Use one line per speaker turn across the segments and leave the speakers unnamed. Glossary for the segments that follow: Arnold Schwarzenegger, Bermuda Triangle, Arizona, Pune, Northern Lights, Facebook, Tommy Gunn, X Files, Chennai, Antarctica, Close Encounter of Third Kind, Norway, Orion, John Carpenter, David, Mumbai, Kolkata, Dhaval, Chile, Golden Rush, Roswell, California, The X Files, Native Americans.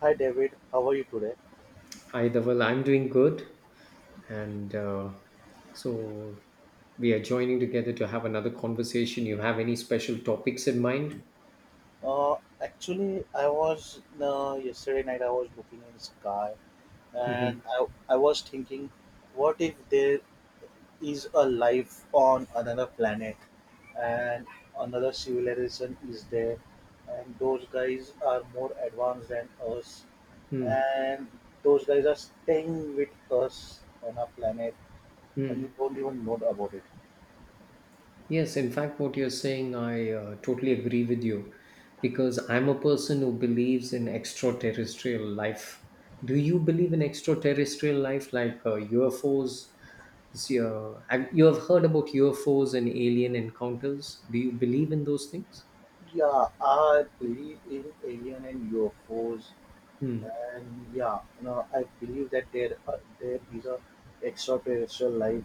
Hi David, how are you today?
Hi, Dhaval. I'm doing good. And so we are joining together to have another conversation. You have any special topics in mind?
Uh, Actually, I was yesterday night, I was looking in sky, and
Hmm.
I was thinking, what if there is a life on another planet, and another civilization is there, and those guys are more advanced than us,
Hmm.
and those guys are staying with us on our planet, and we
Hmm.
don't even know about it.
Yes, in fact, what you're saying, I totally agree with you because I'm a person who believes in extraterrestrial life. Do you believe in extraterrestrial life like UFOs? You have heard about UFOs and alien encounters. Do you believe in those things?
Yeah, I believe in alien and UFOs.
Hmm.
And yeah, I believe that there is a extraterrestrial life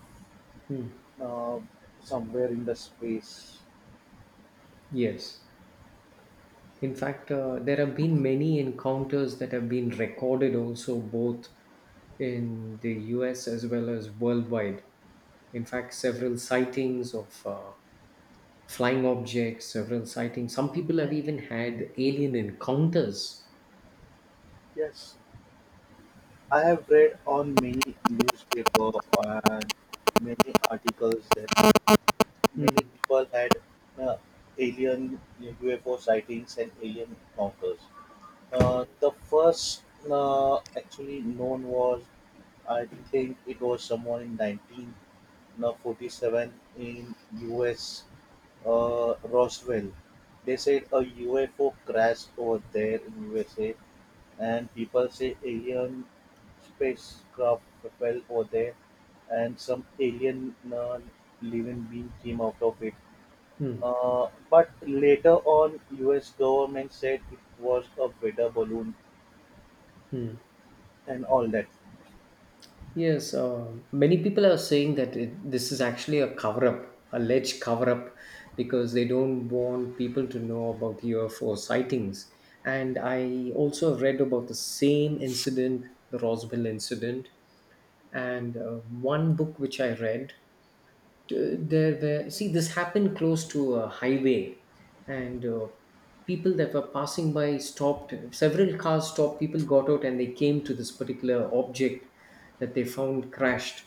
Hmm.
uh, somewhere in the space.
Yes. In fact, there have been many encounters that have been recorded also, both in the US as well as worldwide. In fact, several sightings of flying objects, several sightings. Some people have even had alien encounters.
Yes, I have read on many newspaper and many articles that many
Hmm.
people had uh, alien UFO sightings and alien encounters. The first actually known was, I think it was someone in 19 now 47 in US, Roswell. They said a UFO crashed over there in USA, and people say alien spacecraft fell over there, and some alien living being came out of it.
Hmm.
But later on, U.S. government said it was a weather balloon
Hmm.
and all that.
Yes, many people are saying that this is actually a cover up, alleged cover up, because they don't want people to know about UFO sightings. And I also read about the same incident, the Roswell incident, and one book which I read, there were, see, this happened close to a highway, and people that were passing by stopped. Several cars stopped. People got out, and they came to this particular object that they found crashed.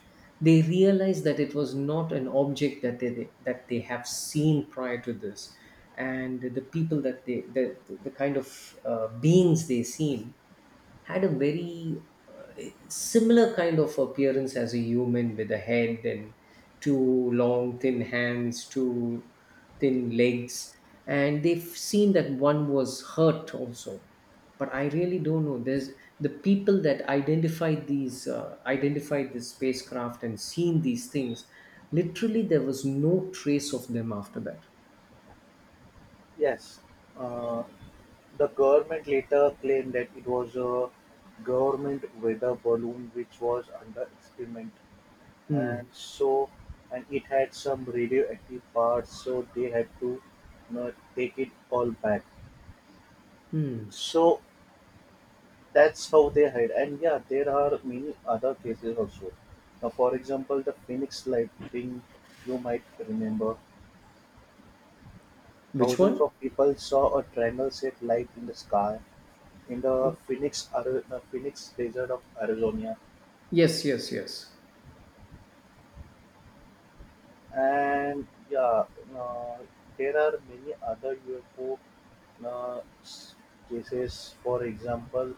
They realized that it was not an object that they have seen prior to this, and the people that the kind of beings they seen had a very similar kind of appearance as a human, with a head and two long thin hands, two thin legs. And they've seen that one was hurt also, but I really don't know. There's the people that identified the spacecraft and seen these things. Literally, there was no trace of them after that.
Yes, uh, the government later claimed that it was a government weather balloon which was under experiment, and
Hmm.
so and it had some radioactive parts, so they had to take it all back.
Hmm.
So that's how they hide. And yeah, there are many other cases also. Now, for example, the Phoenix Lighting, you might remember,
Which
thousands
one?
of people saw a triangle-shaped light in the sky in the Phoenix desert of Arizona.
Yes, yes, yes.
And yeah, uh, there are many other UFO uh, s- cases. For example,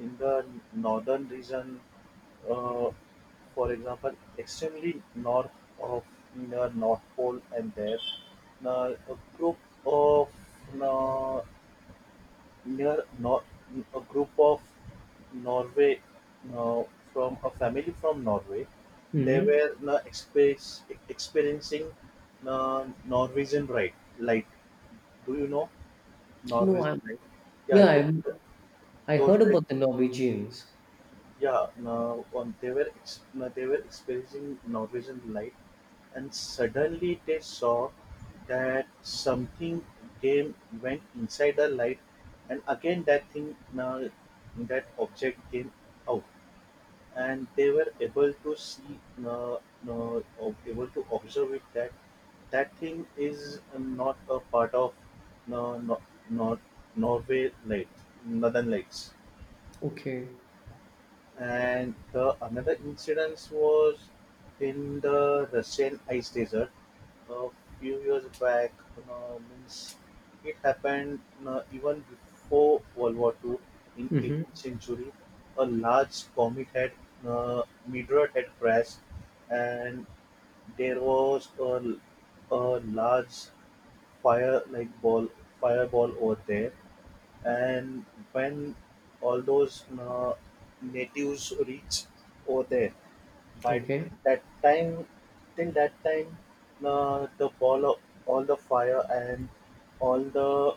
in the northern region, uh, for example, extremely north of the North Pole, and there, a group of uh, near Nor a group of Norway uh, from a family from Norway. They
Hmm.
were experiencing Norwegian right light. Do you know
No,
Norwegian
I'm
light? Yeah,
yeah I'm
those,
I
those
heard
guys,
about the Norwegians.
yeah, no, they were ex- no, they were experiencing Norwegian light, and suddenly they saw that something came went inside the light, and again that thing, that object came out, and they were uh, uh, able to observe it, that thing is not a part of no, not Norway light, Northern Lights.
Okay.
And the another incident was in the Russian ice desert a few years back. Means it happened even before World War II in 18th
Mm-hmm.
century. A large comet had meteorite had crashed, and there was a large fire like ball fireball over there. And when all those natives reach over there, by
Okay.
that time till that time, the ball of all the fire and all the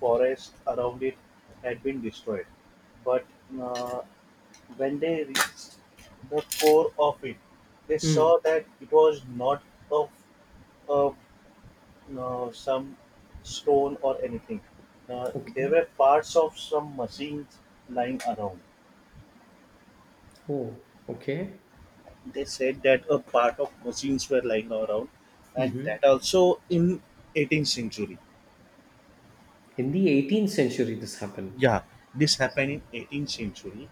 forest around it had been destroyed. But uh, when they reached the core of it, they
Mm.
saw that it was not a, a some stone or anything. Uh,
Okay.
there were parts of some machines lying around.
Oh. Okay.
They said that a part of machines were lying around, and
Mm-hmm.
that also in 18th century.
In the 18th century, this happened.
Yeah, this happened in 18th century,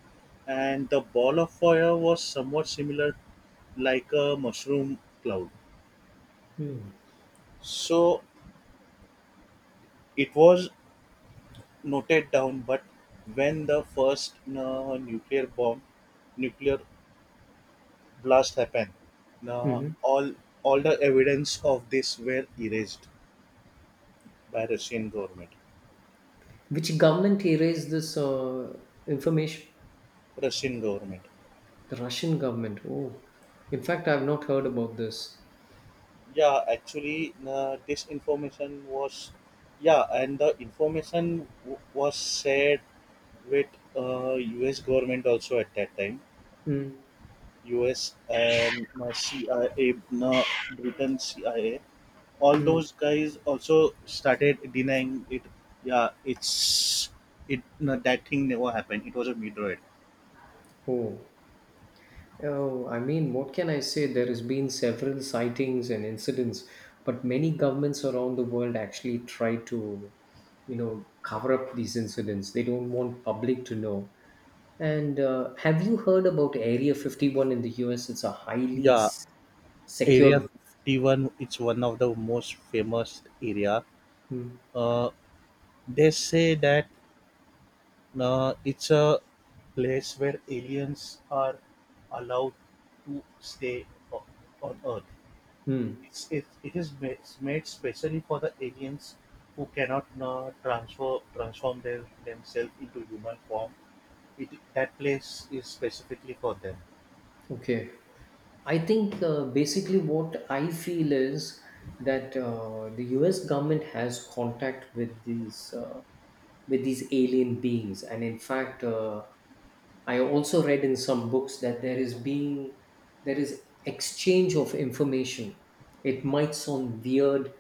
and the ball of fire was somewhat similar, like a mushroom cloud. So it was noted down. But when the first nuclear blast happened, now
Mm-hmm.
all the evidence of this were erased by Russian government.
Which government erased this information?
Russian government.
The Russian government. Oh. In fact, I've not heard about this.
Yeah, actually, this information was, yeah, and the information was shared with U.S. government also at that time.
Mm.
US and CIA, uh, Britain CIA, all
Mm.
those guys also started denying it. Yeah, it's it no, that thing never happened. It was a meteorite.
Oh. Oh, I mean, what can I say? There has been several sightings and incidents, but many governments around the world actually try to cover up these incidents. They don't want public to know. And have you heard about Area 51 in the US? It's a highly
Yeah, Area
secured.
51. It's one of the most famous area.
Hmm.
Uh, they say that it's a place where aliens are allowed to stay o- on Earth.
Hmm.
It's made specially for the aliens who cannot transfer transform their themselves into human form. It That place is specifically for them.
Okay. I think basically what I feel is that the U.S. government has contact with these with these alien beings, and in fact, I also read in some books that there is exchange of information. It might sound weird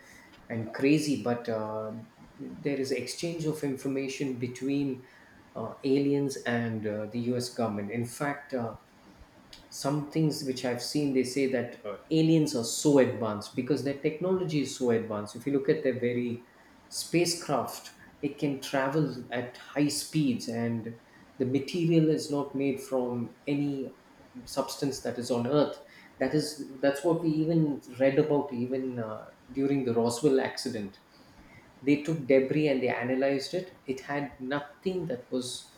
and crazy, but there is exchange of information between aliens and the U.S. government. In fact. Some things which I've seen, they say that aliens are so advanced because their technology is so advanced. If you look at their very spacecraft, it can travel at high speeds, and the material is not made from any substance that is on Earth. That's what we even read about, even during the Roswell accident. They took debris and they analyzed it. Had nothing that was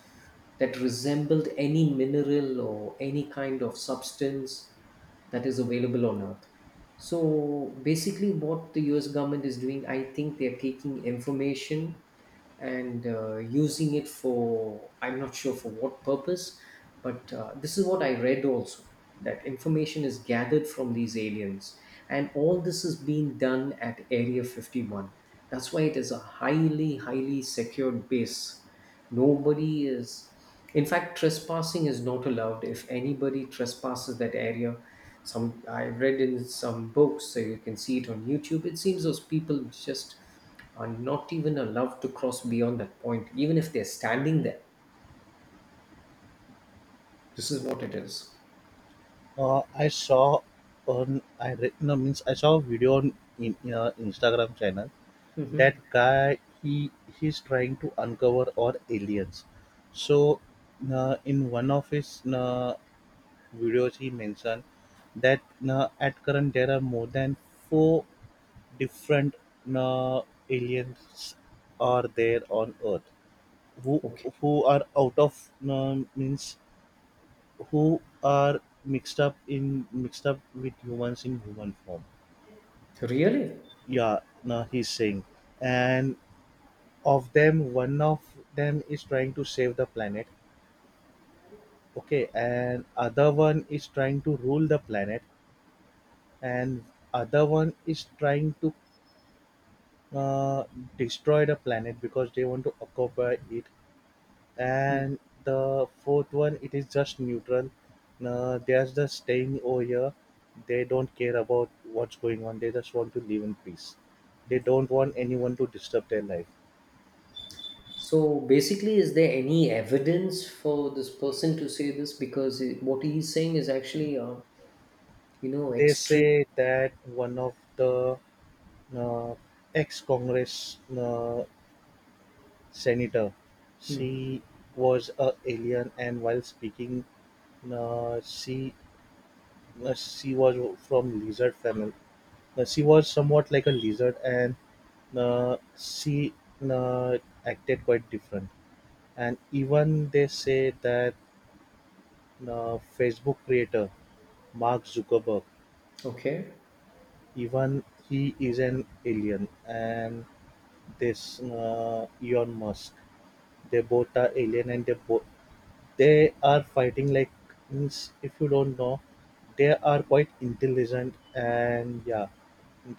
that resembled any mineral or any kind of substance that is available on earth. So basically, what the US government is doing, I think they're taking information and using it for, I'm not sure for what purpose, but this is what I read also, that information is gathered from these aliens. And all this is being done at Area 51. That's why it is a highly, highly secured base. Nobody is, in fact, trespassing is not allowed. If anybody trespasses that area, some I've read in some books, so you can see it on YouTube. It seems those people just are not even allowed to cross beyond that point, even if they're standing there. This is what it is.
I saw on I re- no means I saw a video on in a Instagram channel. That
Mhm.
guy, he's trying to uncover all aliens. So in one of his videos he mentioned that at current there are more than four different uh, aliens are there on Earth who
Okay.
who are out of means who are mixed up with humans in human form.
Really?
Yeah, no, he's saying, and one of them is trying to save the planet. Okay, and other one is trying to rule the planet, and other one is trying to uh, destroy the planet because they want to occupy it.
Mm.
And the fourth one, it is just neutral. They are just staying over here. They don't care about what's going on. They just want to live in peace. They don't want anyone to disturb their life.
So basically, is there any evidence for this person to say this? Because what he's saying is actually,
They
extreme.
say that one of the uh, ex-congress senator,
Mm.
she was a alien, and while speaking, uh, she she was from lizard family. She was somewhat like a lizard, and she uh, acted quite different. And even they say that Facebook creator Mark Zuckerberg,
Okay.
even he is an alien. And this Elon Musk, they both are alien, and they both, they are fighting like, means, if you don't know, they are quite intelligent, and yeah,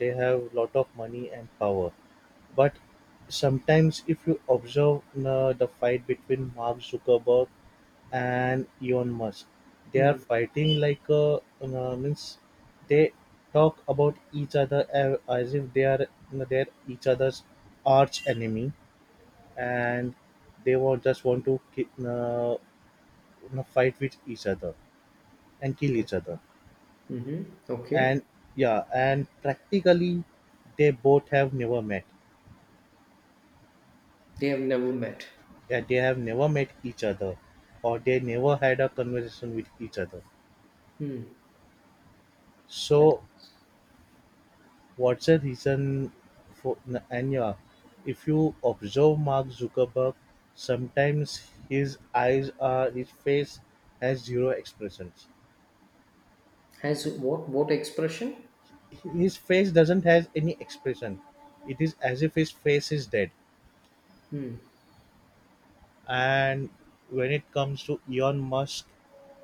they have lot of money and power. But sometimes if you observe the fight between Mark Zuckerberg and Elon Musk, they are fighting like, means they talk about each other as if they're each other's arch enemy, and they want just want to fight with each other and kill each other.
Mm-hmm.
And
Okay.
yeah, and practically they both have never met,
They have never met.
that they have never met each other, or they never had a conversation with each other,
Hmm. That
so what's the reason for? And yeah, if you observe Mark Zuckerberg, sometimes his eyes are his face has zero expressions.
has what expression?
His face doesn't has any expression. It is as if his face is dead.
Hmm.
And when it comes to Elon Musk,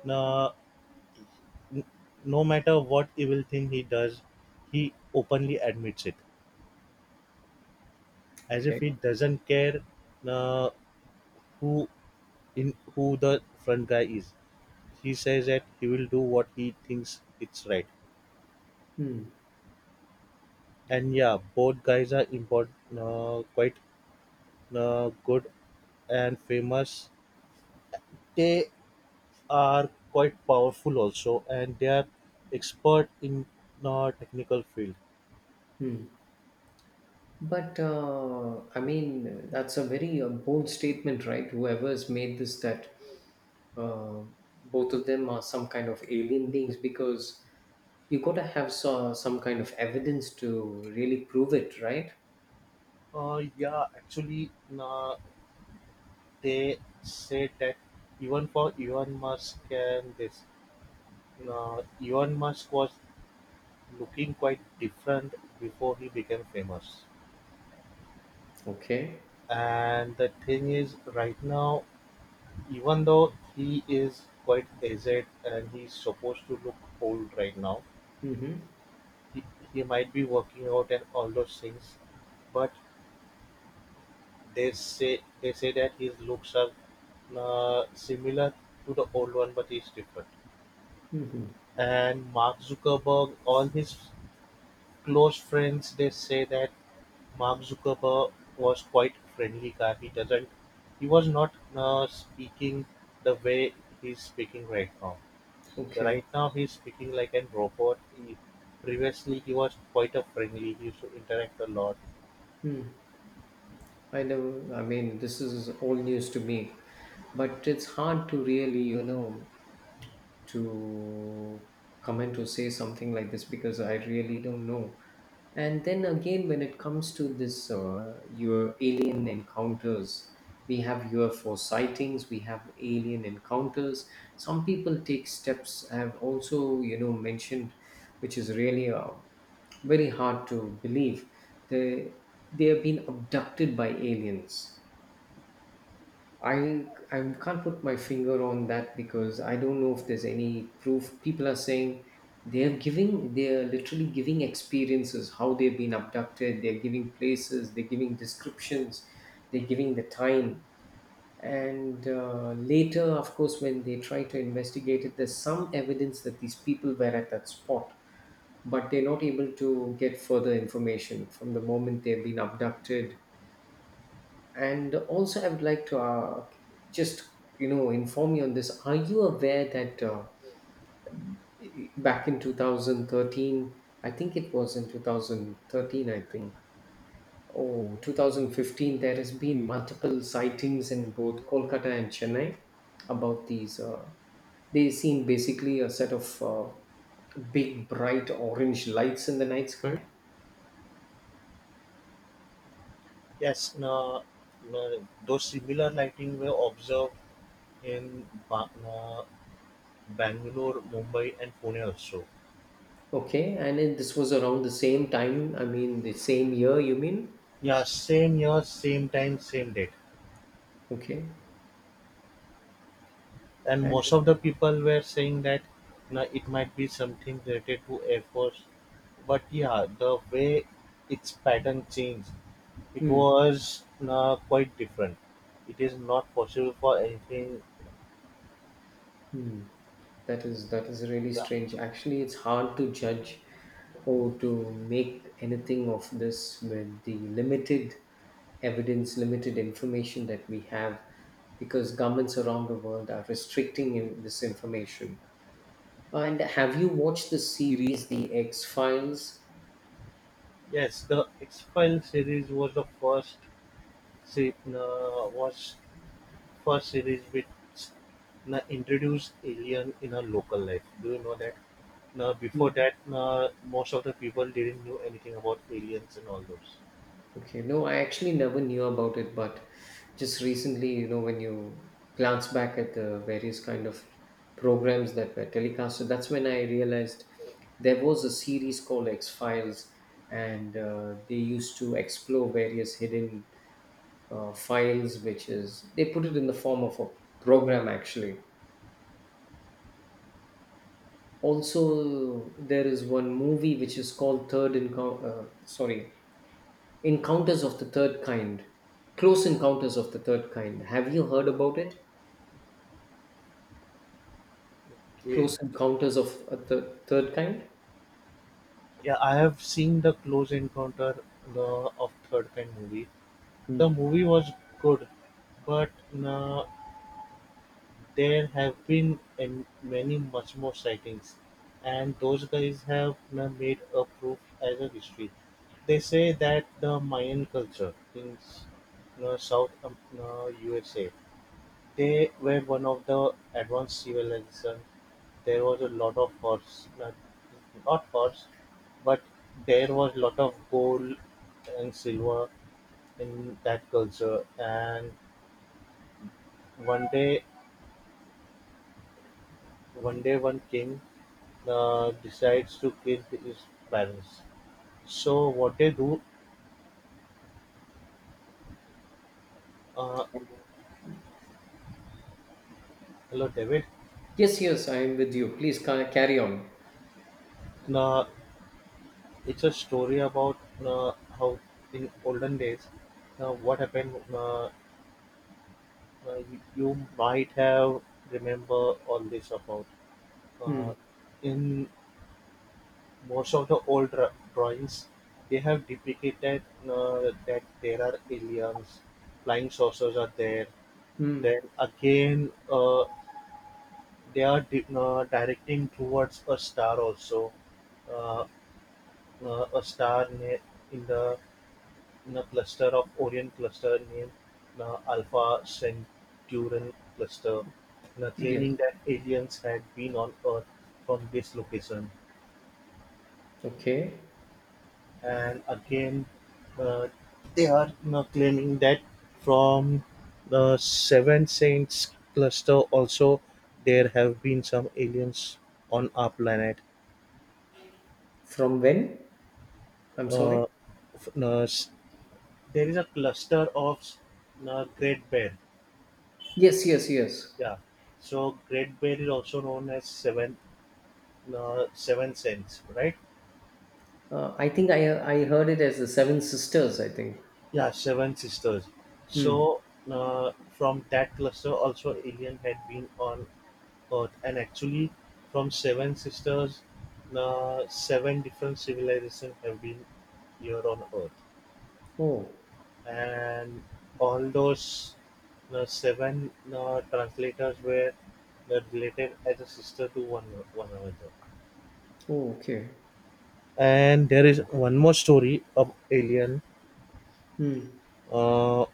no, no matter what evil thing he does, he openly admits it, as if
Okay.
he doesn't care uh, who, in who the front guy is. He says that he will do what he thinks it's right.
Hmm.
And yeah, both guys are important, quite good and famous. They are quite powerful also, and they are expert in technical field.
Hmm. But I mean, that's a very bold statement, right? Whoever's made this, that uh, both of them are some kind of alien beings, because you got to have some kind of evidence to really prove it, right?
Yeah, actually, uh, they said that, even for Elon Musk, and this, Elon Musk was looking quite different before he became famous.
Okay.
And the thing is, right now, even though he is quite aged and he's supposed to look old right now,
Mm-hmm.
he, he might be working out and all those things. But they say that his looks are similar to the old one, but he's different.
Mm-hmm.
And Mark Zuckerberg, all his close friends, they say that Mark Zuckerberg was quite friendly guy. He doesn't. He was not speaking the way he's speaking right now. So
Okay.
right now he's speaking like an robot. He, previously he was quite a friendly. He used to interact a lot.
I never, I mean, this is all news to me, but it's hard to really, to comment or say something like this because I really don't know. And then again, when it comes to this, your alien encounters, we have UFO sightings, we have alien encounters. Some people take steps. I have also, mentioned, which is really very hard to believe. They they have been abducted by aliens. I can't put my finger on that because I don't know if there's any proof. People are saying they're literally giving experiences how they've been abducted. They're giving places. They're giving descriptions. They're giving the time. And later, of course, when they try to investigate it, there's some evidence that these people were at that spot, but they're not able to get further information from the moment they've been abducted. And also, I would like to just inform you on this. Are you aware that back in 2013, I think it was in 2013, I think, oh, 2015, there has been multiple sightings in both Kolkata and Chennai about these? They seem basically a set of big bright orange lights in the night sky.
Yes. No. No, those similar lighting were observed in Bangalore, Mumbai, and Pune also.
Okay, and this was around the same time. I mean, the same year. You mean?
Yeah. Same year, same time, same date.
Okay.
And most of the people were saying that, it might be something related to air force. But yeah, the way its pattern changed, it
Hmm.
was, you know, quite different. It is not possible for anything.
Hmm. That is really
Yeah.
strange. Actually, it's hard to judge or to make anything of this with the limited evidence, limited information that we have, because governments around the world are restricting in this information. And have you watched the series, The X Files?
Yes, the X Files series was the se- you was first series which you introduced alien in a local life. Do you know that? Now before that, most of the people didn't know anything about aliens and all those.
Okay, no, I actually never knew about it, but just recently, when you glance back at the various kind of programs that were telecast, so that's when I realized there was a series called X Files, and they used to explore various hidden files, which is they put it in the form of a program actually. Also, there is one movie which is called Third Encounter. Sorry, Encounters of the Third Kind. Close Encounters of the Third Kind. Have you heard about it?
Okay.
Close Encounters of the Third Kind?
Yeah, I have seen the Close of Third Kind movie. The
Hmm.
movie was good, but uh, there have been many much more sightings, and those guys have made a proof as a history. They say that the Mayan culture in South USA, they were one of the advanced civilization. There was a lot of horse, not not horse, but there was lot of gold and silver in that culture. And one day, one king decides to kill his parents. So what they do? Uh, Hello, David.
Yes, yes, I am with you. Please carry on.
Uh, it's a story about uh, how in olden days, what happened. You might have remember all this about. Uh,
Hmm.
in most of the old drawings, they have duplicated that there are aliens, flying saucers are there.
Hmm.
Then again, they are directing towards a star also, uh, uh, a star ne- in the in a cluster of Orion cluster named Alpha Centurion cluster,
Yes.
claiming that aliens had been on Earth from this location.
Okay.
And again, uh, they are claiming that from the seven saints cluster also there have been some aliens on our planet.
From when? I'm sorry.
F- no, s- There is a cluster of great bear.
Yes, yes, yes.
Yeah, so great bear is also known as seven, seven saints, right?
I think I heard it as the Seven Sisters. I think.
Yeah, seven sisters.
Hmm.
So from that cluster also alien had been on Earth, and actually from seven sisters, seven different civilizations have been here on Earth,
Oh.
and all those seven translators were related as a sister to one another.
Oh. Okay.
And there is one more story of alien.
Hmm.
Uh,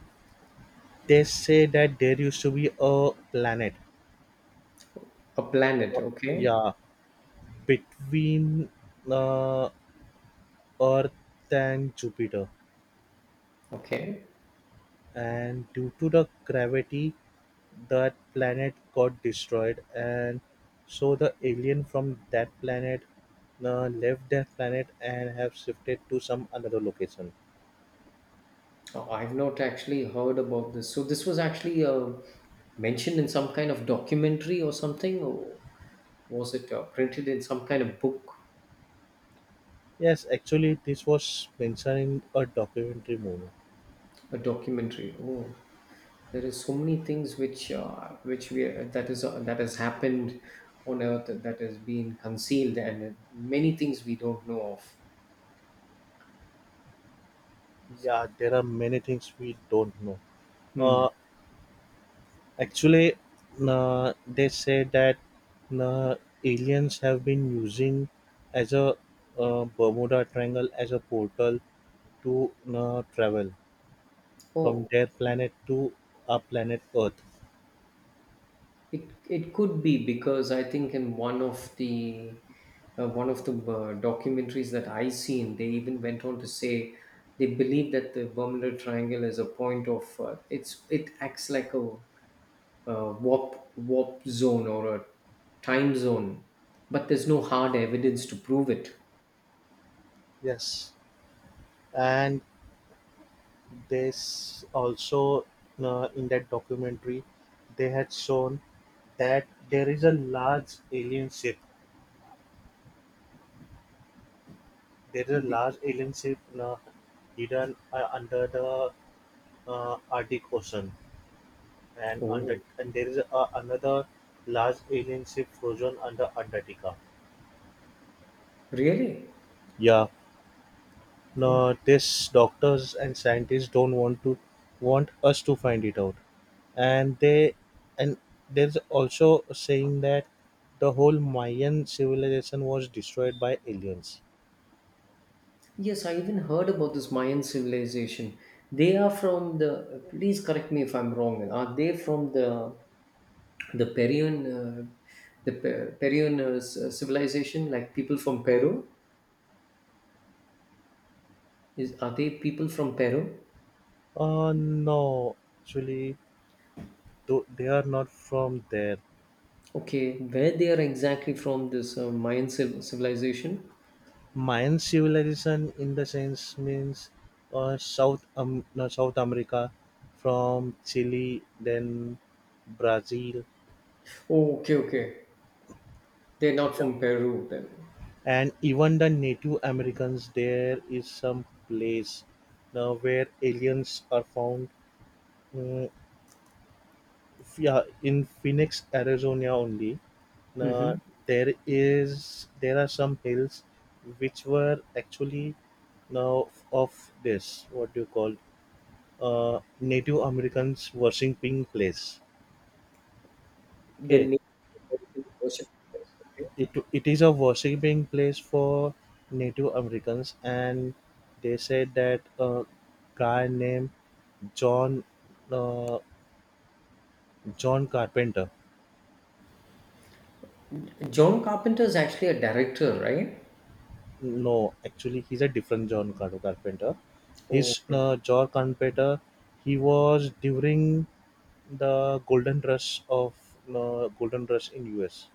they say that there used to be a planet.
A
Uh,
planet. Okay.
yeah, between uh, Earth and Jupiter,
Okay.
and due to the gravity that planet got destroyed, and so the alien from that planet left that planet and have shifted to some another location.
Oh, I've not actually heard about this. So this was actually mentioned in some kind of documentary or something, or was it printed in some kind of book,
Yes, actually this was mentioned in a documentary movie.
a documentary? Oh, there is so many things which we that is that has happened on Earth that has been concealed, and many things we don't know of.
Yeah, there are many things we don't know.
Hmm.
uh, Actually, they say that uh, aliens have been using as a bermuda triangle as a portal to travel from
Oh,
their planet to our planet Earth.
it could be, because I think in one of the documentaries that I seen, they even went on to say they believe that the Bermuda Triangle is a point of, it's it acts like a warp zone or a time zone, but there's no hard evidence to prove it.
Yes, and this also, in that documentary, they had shown that there is a large alien ship. There is a
The-
large alien ship hidden under the Arctic Ocean, and under,
Oh,
and there is another large alien ship frozen under Antarctica.
really?
Yeah, nowadays, doctors and scientists don't want to want us to find it out, and they and there's also saying that the whole Mayan civilization was destroyed by aliens.
Yes, I even heard about this Mayan civilization. They are from the. Please correct me if I'm wrong. Are they from the the Peruvian uh, the Peruvian civilization? Like people from Peru? Is are they people from Peru?
No, actually, they are not from there.
Okay, where they are exactly from? This Mayan civilization.
Mayan civilization, in the sense, means South no, South America, from Chile, then Brazil.
Oh, okay, okay. They're not from Peru then.
And even the Native Americans, there is some place now where aliens are found. Mm, yeah, in Phoenix, Arizona only. Now,
Mm-hmm.
there are some hills which were actually now of this, what do you call, Native Americans worshiping place.
The
Okay,
name. Worship. Okay.
It is a worshiping place for Native Americans, and they said that a guy named John, uh, John Carpenter.
John Carpenter is actually a director, right?
No, actually, he's a different Carpenter.
Oh,
His
okay.
John Carpenter, he was during the Golden Rush of, Golden Rush in US.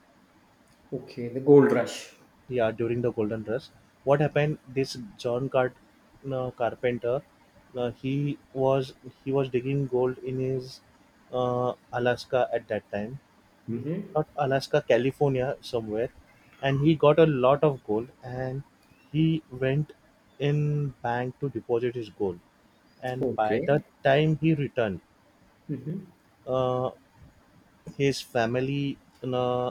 Okay, the gold rush.
Yeah, during the golden rush, what happened, this carpenter, he was, he was digging gold in his alaska at that time.
Mhm.
Not alaska, california somewhere. And he got a lot of gold, and he went in bank to deposit his gold, and
Oh.
by
Okay.
the time he returned,
Mhm.
uh, his family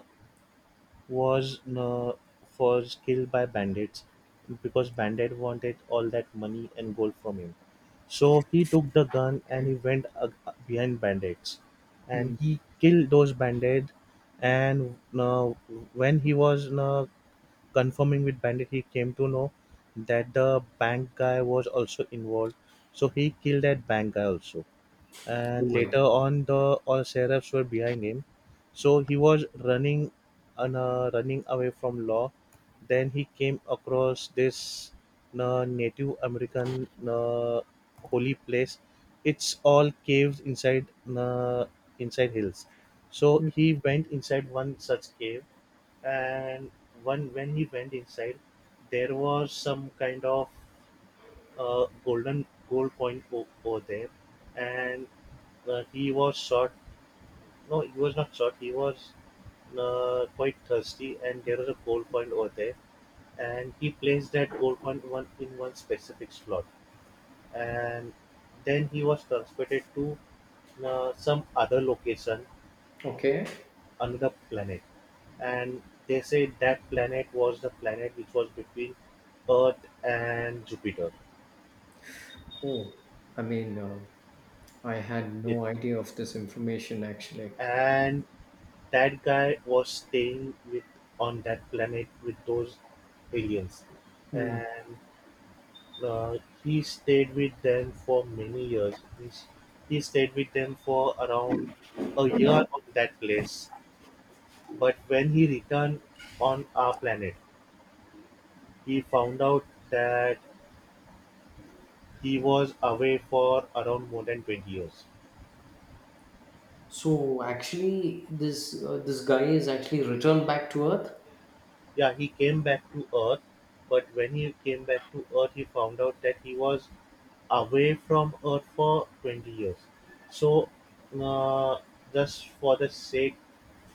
was no was killed by bandits because bandit wanted all that money and gold from him. So he took the gun and he went behind bandits and
Mm.
he killed those bandits. And when he was confirming with bandit, he came to know that the bank guy was also involved, so he killed that bank guy also.
Oh
And
my.
later on, the all sheriffs were behind him, so he was running and running away from law. Then he came across this native american holy place. It's all caves inside, uh, inside hills. So he went inside one such cave, and one when he went inside, there was some kind of a golden gold coin over there, and he was shot. No, he was not shot. He was quite thirsty, and there was a gold coin over there, and he placed that gold coin one specific slot, and then he was transported to some other location,
Okay.
another planet, and they say that planet was the planet which was between Earth and Jupiter.
Oh, I mean, I had
It
no idea of this information actually.
and That guy was staying with on that planet with those aliens,
Mm.
and he stayed with them for many years. Means he stayed with them for around a year on that place. But when he returned on our planet, he found out that he was away for around more than 20 years.
So actually, this guy is actually returned back to Earth.
Yeah, he came back to Earth, but when he came back to Earth, he found out that he was away from Earth for 20 years. So, uh, just for the sake,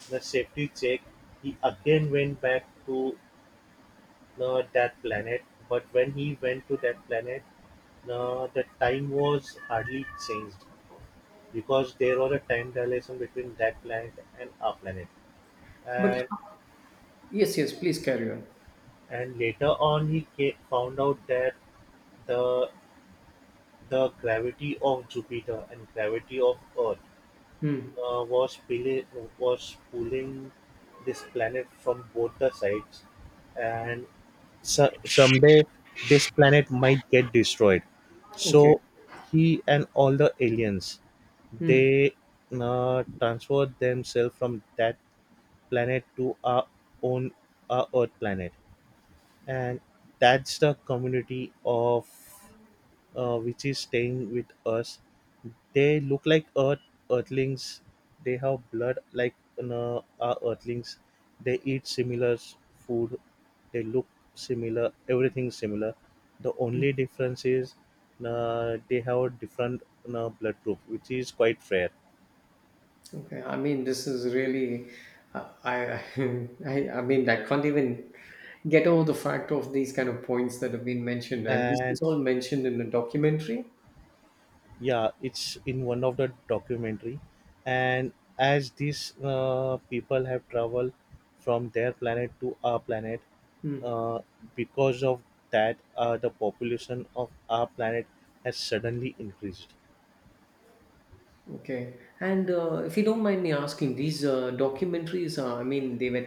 the safety check, he again went back to that planet. But when he went to that planet, the time was hardly changed because there was a time dilation between that planet and our planet.
But
And
yes, yes. Please carry on.
and later on, he found out that the the gravity of Jupiter and gravity of Earth
Mm.
uh, was pili- was pulling this planet from both the sides, and so- someday this planet might get destroyed.
Okay.
So he and all the aliens,
Mm.
they transferred themselves from that planet to own our Earth planet, and that's the community of which is staying with us. They look like earthlings. They have blood like our earthlings. They eat similar food. They look similar. Everything similar. The only difference is they have a different blood group, which is quite rare.
Okay, I mean, this is really, uh, I, I mean, I can't even get over the fact of these kind of points that have been mentioned, and this
And
is all mentioned in the documentary.
yeah, it's in one of the documentary, and as these people have traveled from their planet to our planet,
Hmm.
uh, because of that, the population of our planet has suddenly increased.
Okay, and if you don't mind me asking, these documentaries are, I mean, they were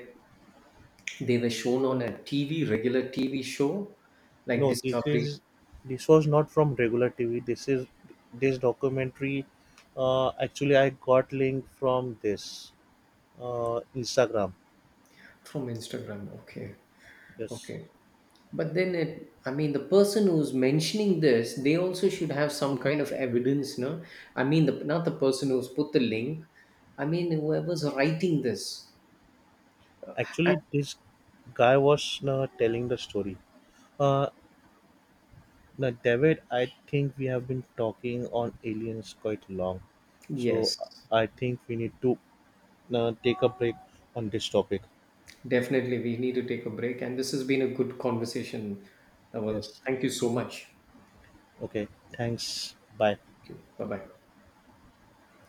they were shown on a TV, regular TV show like
No, this
Discovery,
is, this was not from regular tv. This is, this documentary, actually I got link from this instagram.
from Instagram. Okay,
Yes,
okay. But then I mean, the person who's mentioning this, they also should have some kind of evidence, no? I mean, not the person who's put the link. I mean, whoever's writing this. I-
actually this guy was telling the story. uh, Now, David, I think we have been talking on aliens quite long, so
yes,
I think we need to take a break on this topic.
definitely. We need to take a break. And this has been a good conversation. Well,
Yes.
thank you so much.
Okay. Thanks. Bye.
Thank you. Bye bye.